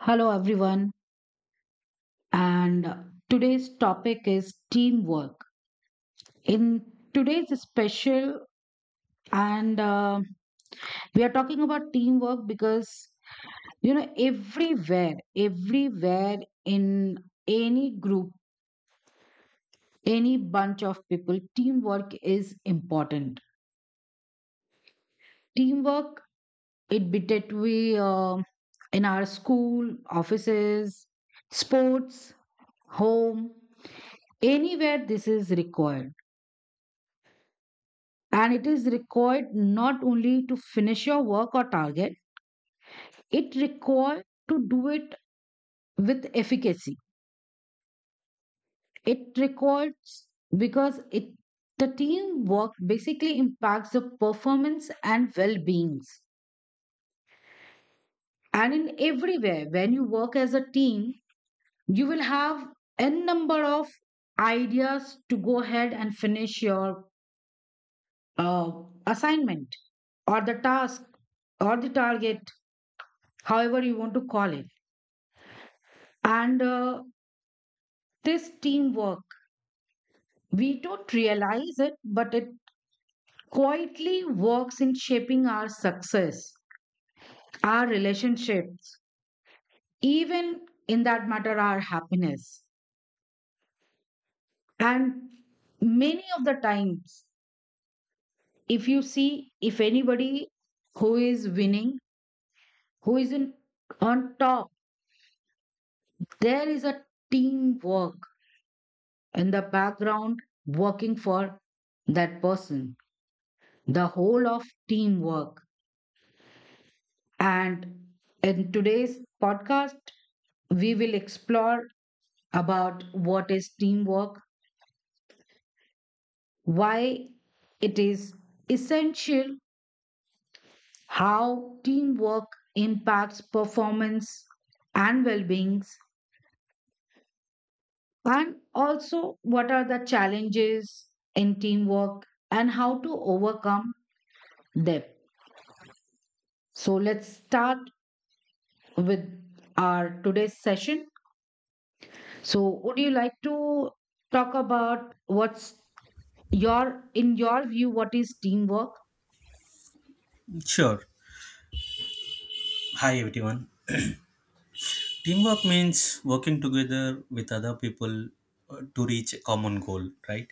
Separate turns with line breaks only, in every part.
Hello, everyone, and today's topic is teamwork. In today's special, and we are talking about teamwork because everywhere in any group, any bunch of people, teamwork is important. Teamwork, it be that we in our school, offices, sports, home, anywhere this is required, and it is required not only to finish your work or target, it required to do it with efficacy, it requires because it the teamwork basically impacts the performance and well-beings. And in everywhere when you work as a team, you will have n number of ideas to go ahead and finish your uh, assignment or the task or the target, however you want to call it. And this teamwork, we don't realize it, but it quietly works in shaping our success, our relationships, even in that matter, our happiness. And many of the times, if you see, if anybody who is winning, who is in, on top, there is a teamwork in the background working for that person. The whole of teamwork. And in today's podcast, we will explore about what is teamwork, why it is essential, how teamwork impacts performance and well-beings, and also what are the challenges in teamwork and how to overcome them. So let's start with our today's session. So would you like to talk about what's your, in your view, what is teamwork?
Sure. Hi, everyone. Teamwork means working together with other people to reach a common goal, right?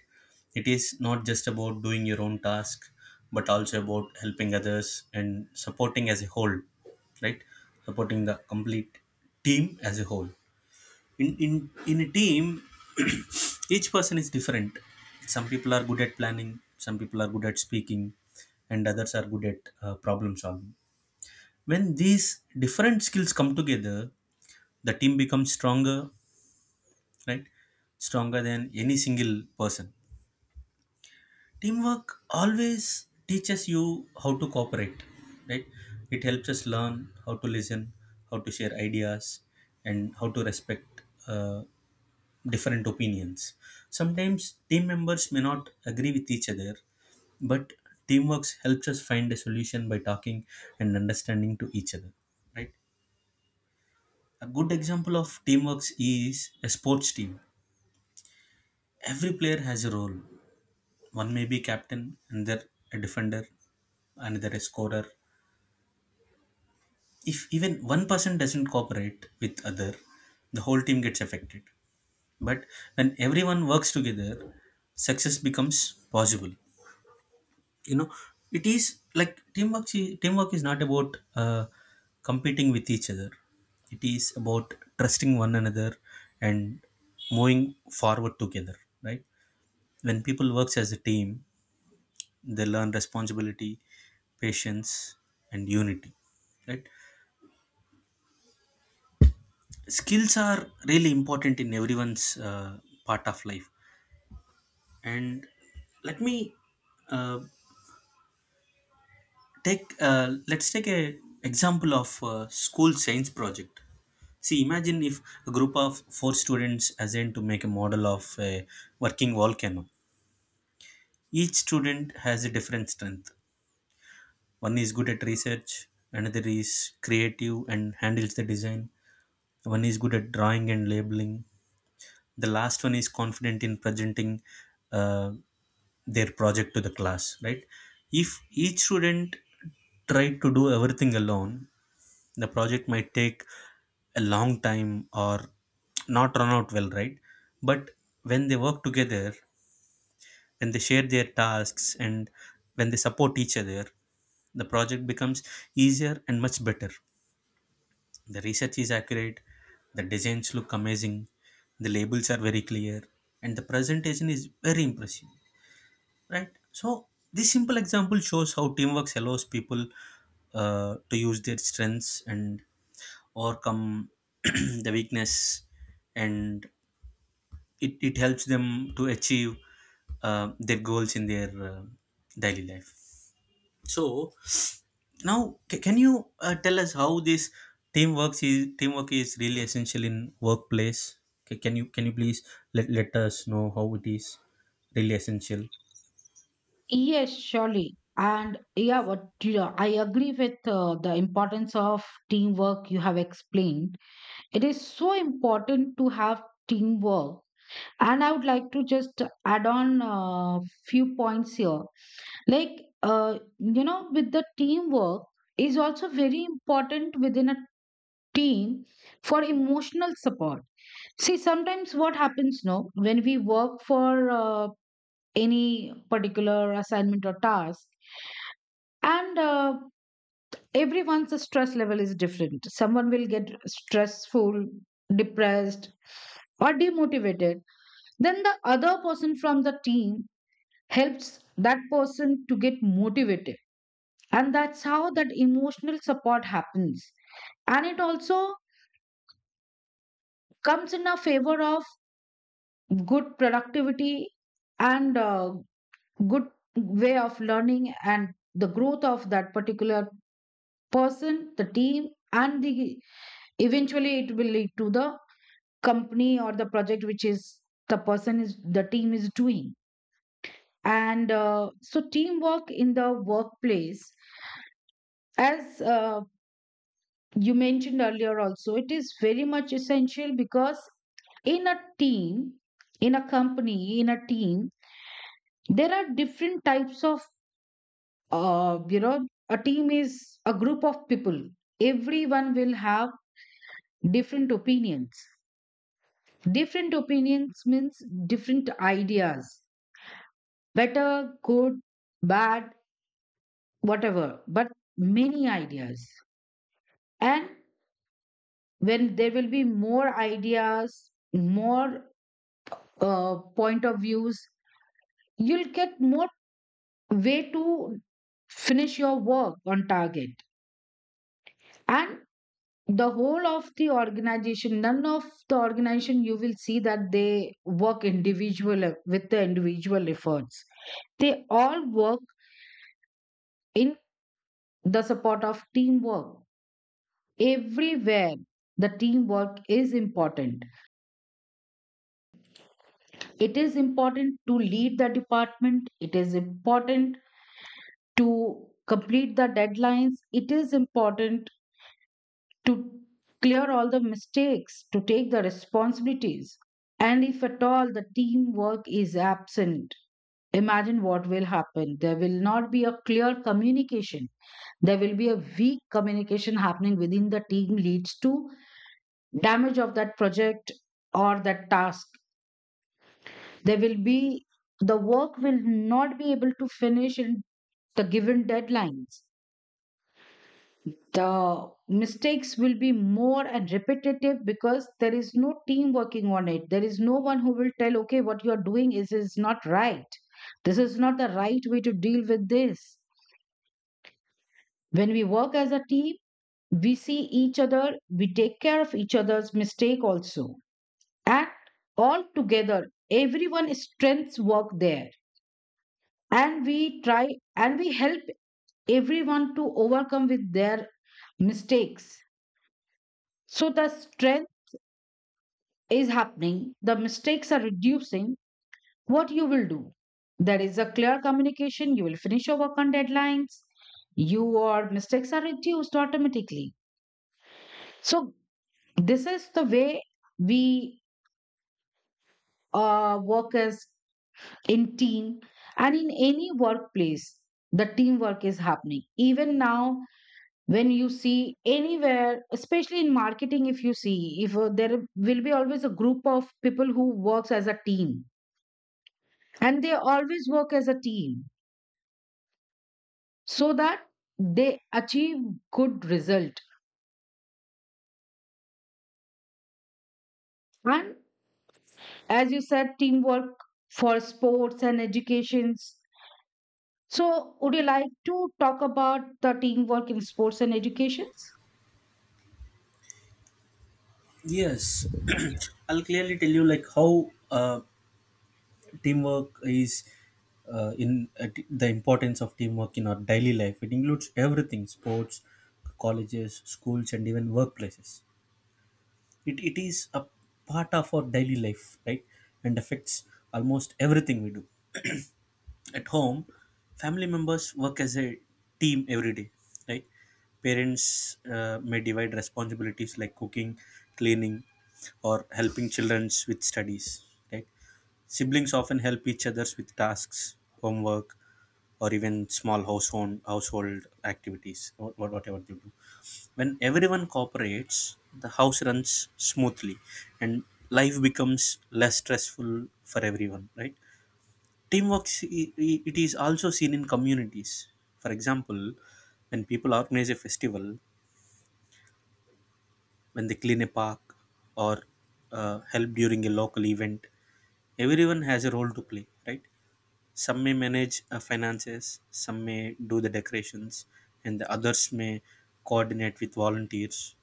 It is not just about doing your own task, but also about helping others and supporting as a whole, right? Supporting the complete team as a whole. In a team, each person is different. Some people are good at planning, some people are good at speaking, and others are good at problem solving. When these different skills come together, the team becomes stronger, right? Stronger than any single person. Teamwork always teaches you how to cooperate, right? It helps us learn how to listen, how to share ideas, and how to respect uh, different opinions. Sometimes team members may not agree with each other, but teamwork helps us find a solution by talking and understanding to each other, right? A good example of teamwork is a sports team. Every player has a role. One may be captain, another a defender, another a scorer. If even one person doesn't cooperate with other, the whole team gets affected. But when everyone works together, success becomes possible. you know it is like teamwork is not about uh, competing with each other. It is about trusting one another and moving forward together, right? When people works as a team, they learn responsibility, patience, and unity, right? Skills are really important in everyone's uh, part of life. And let me uh, Take let's take a example of school science project. See, imagine if a group of four students assigned to make a model of a working volcano. Each student has a different strength. One is good at research, another is creative and handles the design. One is good at drawing and labeling, the last one is confident in presenting uh, their project to the class, right? If each student tried to do everything alone, the project might take a long time or not run out well, right? But when they work together, when they share their tasks, and when they support each other, the project becomes easier and much better. The research is accurate, the designs look amazing, the labels are very clear, and the presentation is very impressive, right? So, this simple example shows how teamwork allows people to use their strengths and overcome the weakness, and it helps them to achieve their goals in their daily life. So, now can you tell us how this teamwork is really essential in workplace? Can you please let us know how it is really essential?
Yes, surely. And yeah, I agree with the importance of teamwork you have explained. It is so important to have teamwork, and I would like to just add on a few points here. Like with the teamwork, is also very important within a team for emotional support. See, sometimes what happens no, when we work for any particular assignment or task, and everyone's stress level is different. Someone will get stressful, depressed, or demotivated, then the other person from the team helps that person to get motivated, and that's how that emotional support happens. And it also comes in a favor of good productivity, and good way of learning, and the growth of that particular person, the team, and the eventually it will lead to the company or the project which is the person is the team is doing. And so teamwork in the workplace, as you mentioned earlier, also it is very much essential because in a team, in a company, in a team, there are different types of a team is a group of people. Everyone will have different opinions. Different opinions means different ideas. Better, good, bad, whatever, but many ideas. And when there will be more ideas, more point of views, you'll get more way to finish your work on target. And the whole of the organization, none of the organization you will see that they work individual with the individual efforts. They all work in the support of teamwork. Everywhere the teamwork is important. It is important to lead the department, it is important to complete the deadlines, it is important to clear all the mistakes, to take the responsibilities. And if at all the teamwork is absent, imagine what will happen. There will not be a clear communication, there will be a weak communication happening within the team, leads to damage of that project or that task. There will be the work will not be able to finish in the given deadlines, the mistakes will be more and repetitive because there is no team working on it, there is no one who will tell okay, what you are doing is not right, this is not the right way to deal with this. When we work as a team, we see each other, we take care of each other's mistake also, act all together, everyone strengths work there, and we try and we help everyone to overcome with their mistakes. So the strength is happening, the mistakes are reducing, what you will do, there is a clear communication, you will finish your work on deadlines, your mistakes are reduced automatically. So this is the way we work as in team, and in any workplace the teamwork is happening even now. When you see anywhere, especially in marketing if you see, if there will be always a group of people who works as a team, and they always work as a team so that they achieve good result. And as you said, teamwork for sports and educations, so would you like to talk about the teamwork in sports and educations?
Yes, I'll clearly tell you like how teamwork is the importance of teamwork in our daily life. It includes everything: sports, colleges, schools, and even workplaces. It is a part of our daily life, right? And affects almost everything we do. At home, family members work as a team every day, right? Parents may divide responsibilities like cooking, cleaning, or helping children with studies, right? Siblings often help each other with tasks, homework, or even small household activities, or whatever they do. When everyone cooperates, the house runs smoothly, and life becomes less stressful for everyone, right? Teamwork s- I- It is also seen in communities. For example, when people organize a festival, when they clean a park or help during a local event, everyone has a role to play, right? Some may manage finances, some may do the decorations, and the others may coordinate with volunteers.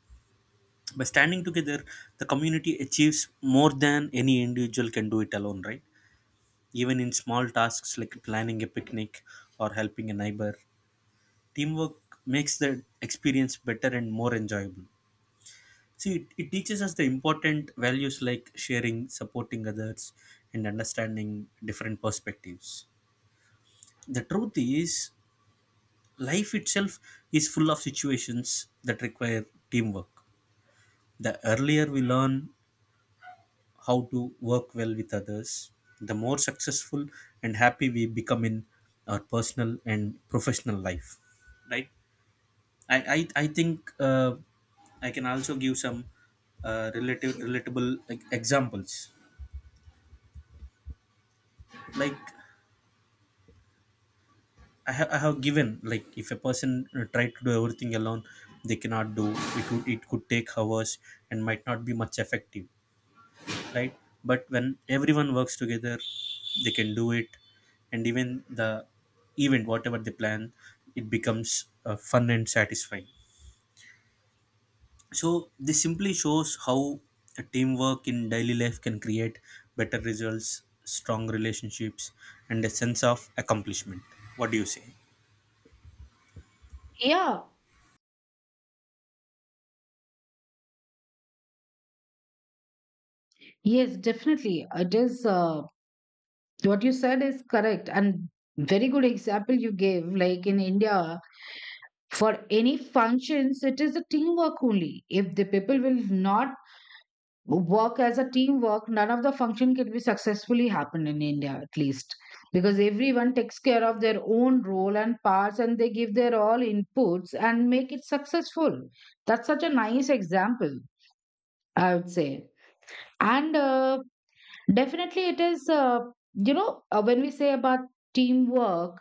By standing together, the community achieves more than any individual can do it alone, right? Even in small tasks like planning a picnic or helping a neighbor, teamwork makes the experience better and more enjoyable. See, it teaches us the important values like sharing, supporting others, and understanding different perspectives. The truth is, life itself is full of situations that require teamwork. The earlier we learn how to work well with others, the more successful and happy we become in our personal and professional life. Right? I I think I can also give some relative relatable like, examples. Like I have given like if a person tried to do everything alone, they cannot do it. Would it could take hours and might not be much effective, right? But when everyone works together, they can do it, and even the event whatever they plan, it becomes fun and satisfying. So this simply shows how a teamwork in daily life can create better results, strong relationships, and a sense of accomplishment. What do you say?
Yeah. Yes, definitely. It is what you said is correct, and very good example you gave. Like in India, for any functions, it is a teamwork only. If the people will not work as a teamwork, none of the function can be successfully happen in India at least. Because everyone takes care of their own role and parts, and they give their all inputs and make it successful. That's such a nice example, I would say. And Definitely, it is, when we say about teamwork,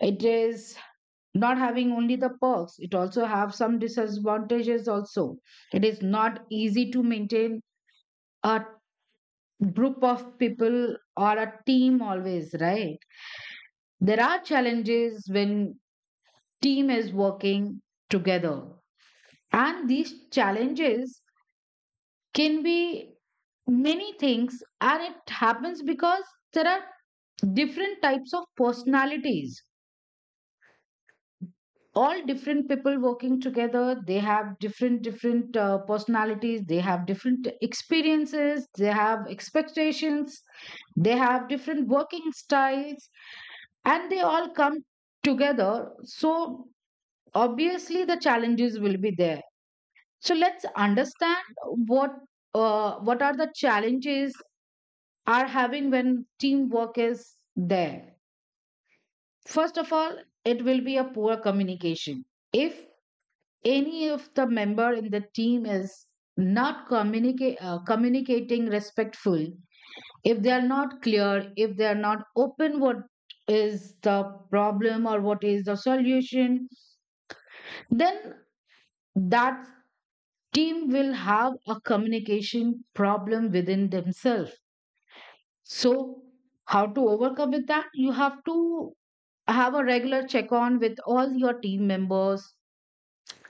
it is not having only the perks, it also have some disadvantages also. It is not easy to maintain a group of people or a team always, right? There are challenges when team is working together. And these challenges can be many things, and it happens because there are different types of personalities. All different people working together, they have different personalities, they have different experiences, they have expectations, they have different working styles, and they all come together, so obviously the challenges will be there. So let's understand what what are the challenges are having when teamwork is there. First of all, it will be a poor communication. If any of the member in the team is not communicate, communicating respectful, if they are not clear, if they are not open what is the problem or what is the solution, then that team will have a communication problem within themselves. So, how to overcome with that? You have to have a regular check on with all your team members,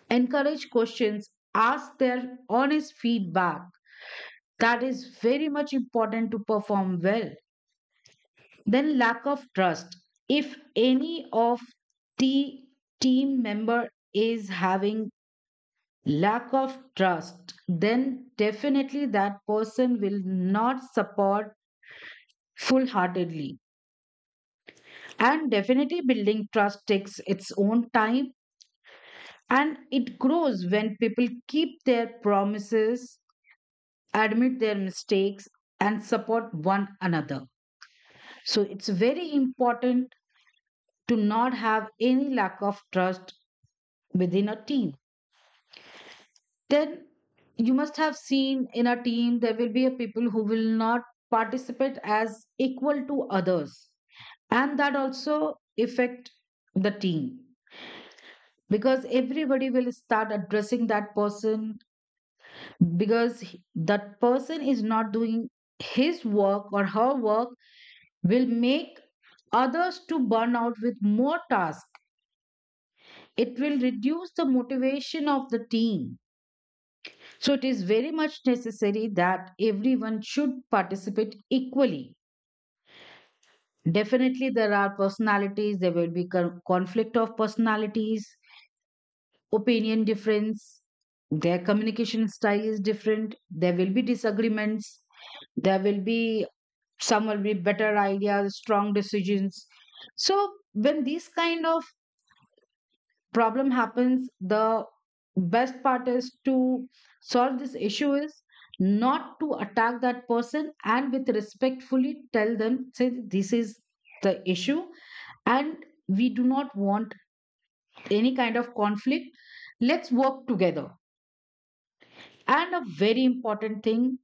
encourage questions, ask their honest feedback. That is very much important to perform well. Then lack of trust. If any of the team member is having lack of trust, then definitely that person will not support full-heartedly. And definitely building trust takes its own time, and it grows when people keep their promises, admit their mistakes, and support one another. So it's very important to not have any lack of trust within a team. Then you must have seen in a team there will be a people who will not participate as equal to others, and that also affect the team because everybody will start addressing that person because that person is not doing his work or her work, will make others to burn out with more tasks. It will reduce the motivation of the team. So it is very much necessary that everyone should participate equally. Definitely, there are personalities, there will be conflict of personalities, opinion difference, their communication style is different, there will be disagreements, there will be some will be better ideas, strong decisions. So, when these kind of problem happens, the best part is to solve this issue is not to attack that person and with respectfully tell them say this is the issue, and we do not want any kind of conflict, let's work together. And a very important thing,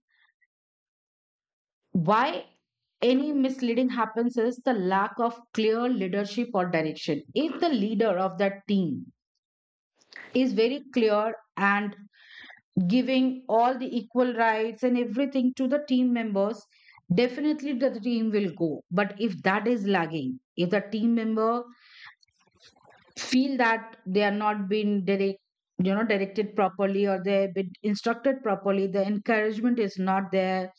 why any misleading happens is the lack of clear leadership or direction. If the leader of that team is very clear and giving all the equal rights and everything to the team members, definitely the team will go. But if that is lagging, if the team member feel that they are not being direct, you know, directed properly or they have been instructed properly, the encouragement is not there.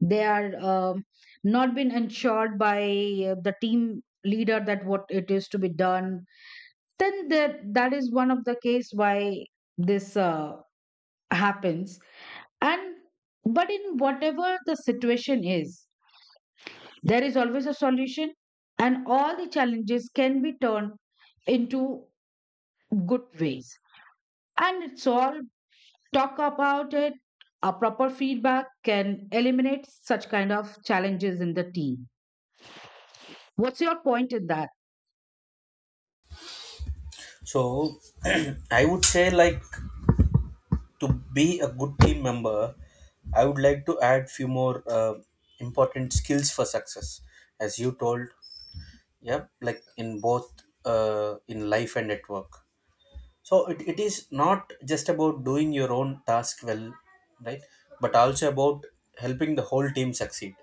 They are not been ensured by the team leader that what it is to be done. Then that is one of the case why this happens. And but in whatever the situation is, there is always a solution, and all the challenges can be turned into good ways. And it's all talk about it. A proper feedback can eliminate such kind of challenges in the team. What's your point in that?
So I would say like to be a good team member, I would like to add few more important skills for success, as you told. Yep, like in both in life and at work. So it is not just about doing your own task well, right? But also about helping the whole team succeed.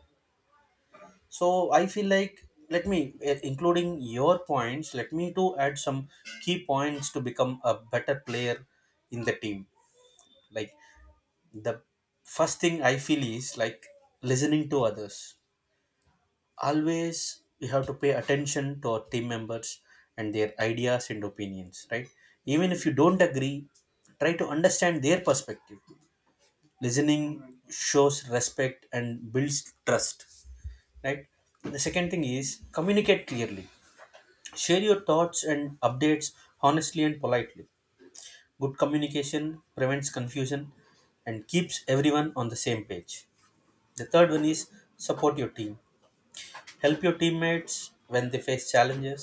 So I feel like including your points, let me to add some key points to become a better player in the team. Like the first thing I feel is like listening to others. Always we have to pay attention to our team members and their ideas and opinions, right? Even if you don't agree, try to understand their perspective. Listening shows respect and builds trust, right? The second thing is communicate clearly. Share your thoughts and updates honestly and politely. Good communication prevents confusion and keeps everyone on the same page. The third one is support your team. Help your teammates when they face challenges.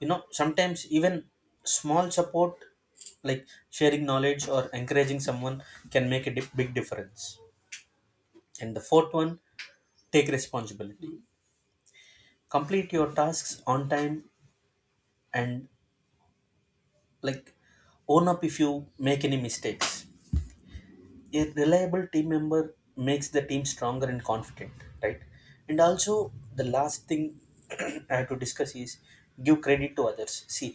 You know, sometimes even small support like sharing knowledge or encouraging someone can make a big difference. And the fourth one, take responsibility. Complete your tasks on time and, like, own up if you make any mistakes. A reliable team member makes the team stronger and confident, right? And also, the last thing I have to discuss is give credit to others. See,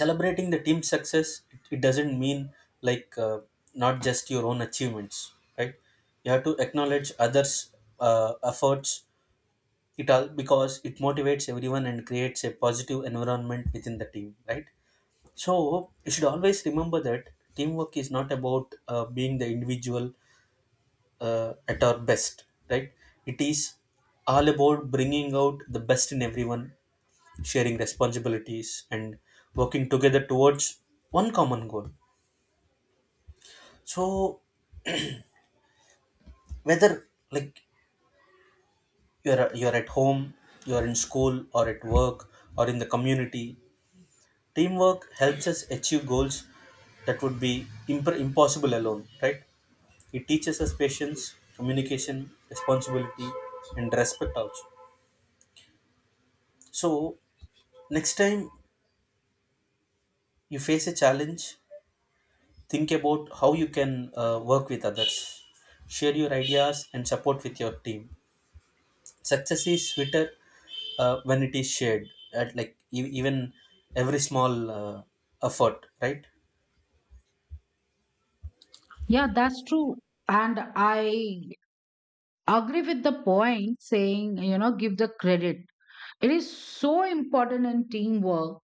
celebrating the team success, it doesn't mean like not just your own achievements, right? You have to acknowledge others' efforts. It all because it motivates everyone and creates a positive environment within the team, right? So you should always remember that teamwork is not about being the individual at our best, right? It is all about bringing out the best in everyone, sharing responsibilities, and working together towards one common goal. So whether like you're at home, you're in school or at work, or in the community, teamwork helps us achieve goals that would be impossible alone, right? It teaches us patience, communication, responsibility, and respect also. So next time you face a challenge, think about how you can work with others, share your ideas and support with your team. Success is sweeter when it is shared, at like even every small effort, right?
Yeah, that's true. And I agree with the point saying, you know, give the credit. It is so important in teamwork.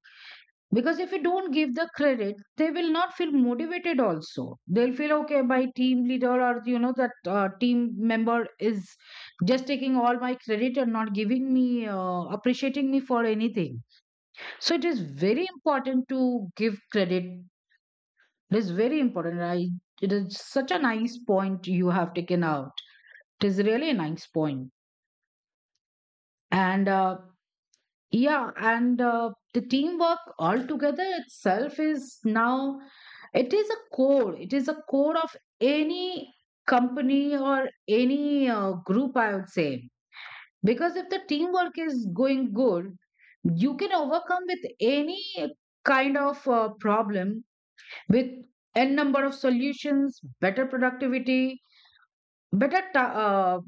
Because if you don't give the credit, they will not feel motivated also. They'll feel, okay, my team leader or, you know, that team member is just taking all my credit and not giving me, appreciating me for anything. So it is very important to give credit. It is very important. I, it is such a nice point you have taken out. It is really a nice point. And Yeah, and the teamwork altogether itself is now, it is a core. It is a core of any company or any group, I would say. Because if the teamwork is going good, you can overcome with any kind of problem with n number of solutions, better productivity, better ta-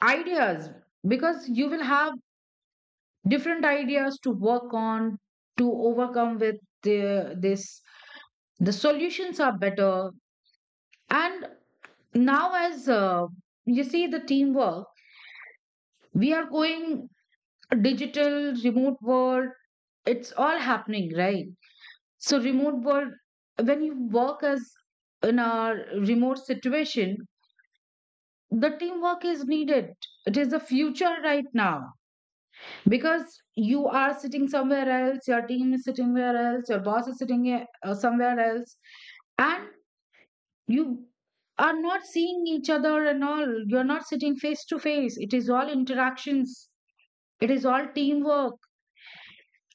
uh, ideas, because you will have different ideas to work on to overcome with the, this the solutions are better. And now as you see the teamwork, we are going digital remote world, it's all happening, right? So remote world, when you work as in a remote situation, the teamwork is needed. It is the future right now. Because you are sitting somewhere else, your team is sitting where else, your boss is sitting somewhere else, and you are not seeing each other and all, you're not sitting face to face, it is all interactions, it is all teamwork.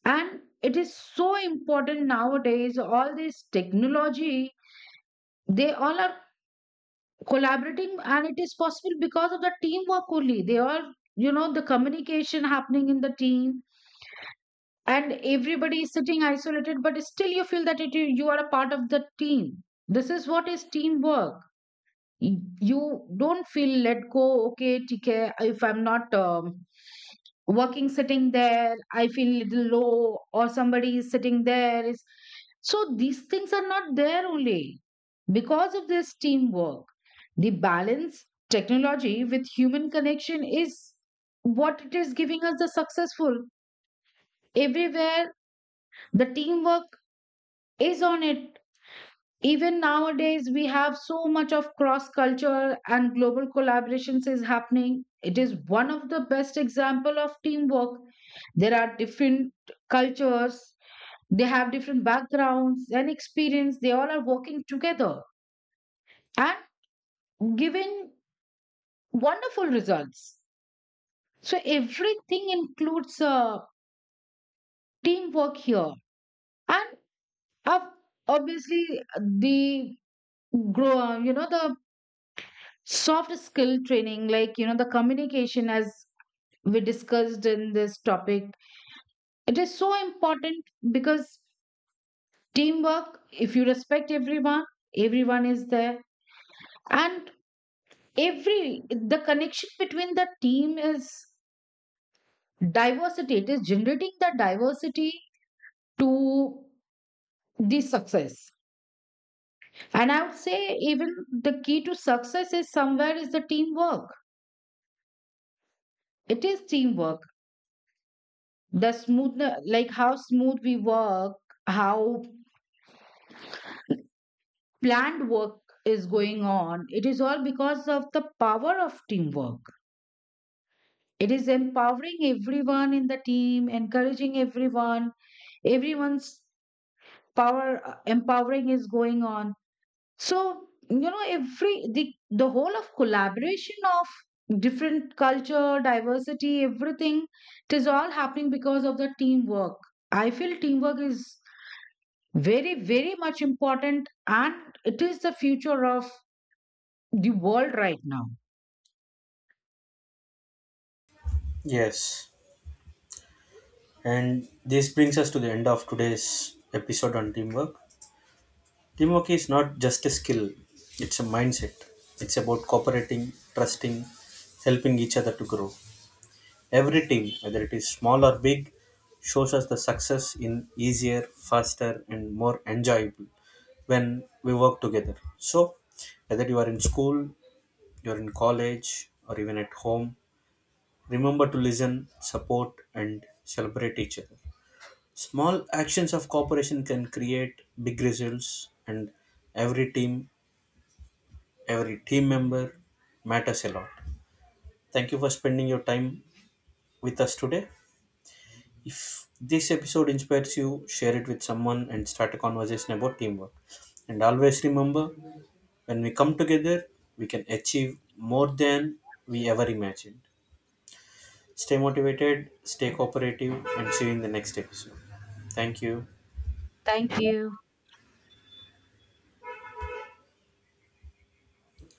And it is so important nowadays, all this technology, they all are collaborating, and it is possible because of the teamwork only, they all you know the communication happening in the team. And everybody is sitting isolated, but still you feel that it, you are a part of the team. This is what is teamwork. You don't feel let go okay TK, if I'm not working sitting there I feel little low or somebody is sitting there is, so these things are not there, only because of this teamwork. The balance technology with human connection is what it is giving us the successful, everywhere the teamwork is on it. Even nowadays, we have so much of cross culture and global collaborations is happening. It is one of the best example of teamwork. There are different cultures, they have different backgrounds and experience. They all are working together and giving wonderful results. So everything includes teamwork here, and ob- obviously the grow, you know, the soft skill training like you know the communication as we discussed in this topic, it is so important. Because teamwork, if you respect everyone, everyone is there, and every the connection between the team is diversity, it is generating the diversity to the success. And I would say, even the key to success is somewhere is the teamwork. It is teamwork. The smoothness like how smooth we work, how planned work is going on, it is all because of the power of teamwork. It is empowering everyone in the team, encouraging everyone, everyone's power empowering is going on. So you know every the whole of collaboration of different culture, diversity, everything, it is all happening because of the teamwork. I feel teamwork is very, very much important, and it is the future of the world right now.
Yes, and this brings us to the end of today's episode on teamwork. Teamwork is not just a skill, it's a mindset. It's about cooperating, trusting, helping each other to grow. Every team, whether it is small or big, shows us the success in easier, faster, and more enjoyable when we work together. So, whether you are in school, you're in college, or even at home, remember to listen, support, and celebrate each other. Small actions of cooperation can create big results, and every team, every team member matters a lot. Thank you for spending your time with us today. If this episode inspires you, share it with someone and start a conversation about teamwork. And always remember, when we come together, we can achieve more than we ever imagined. Stay motivated, stay cooperative, and see you in the next episode. Thank you.
Thank you.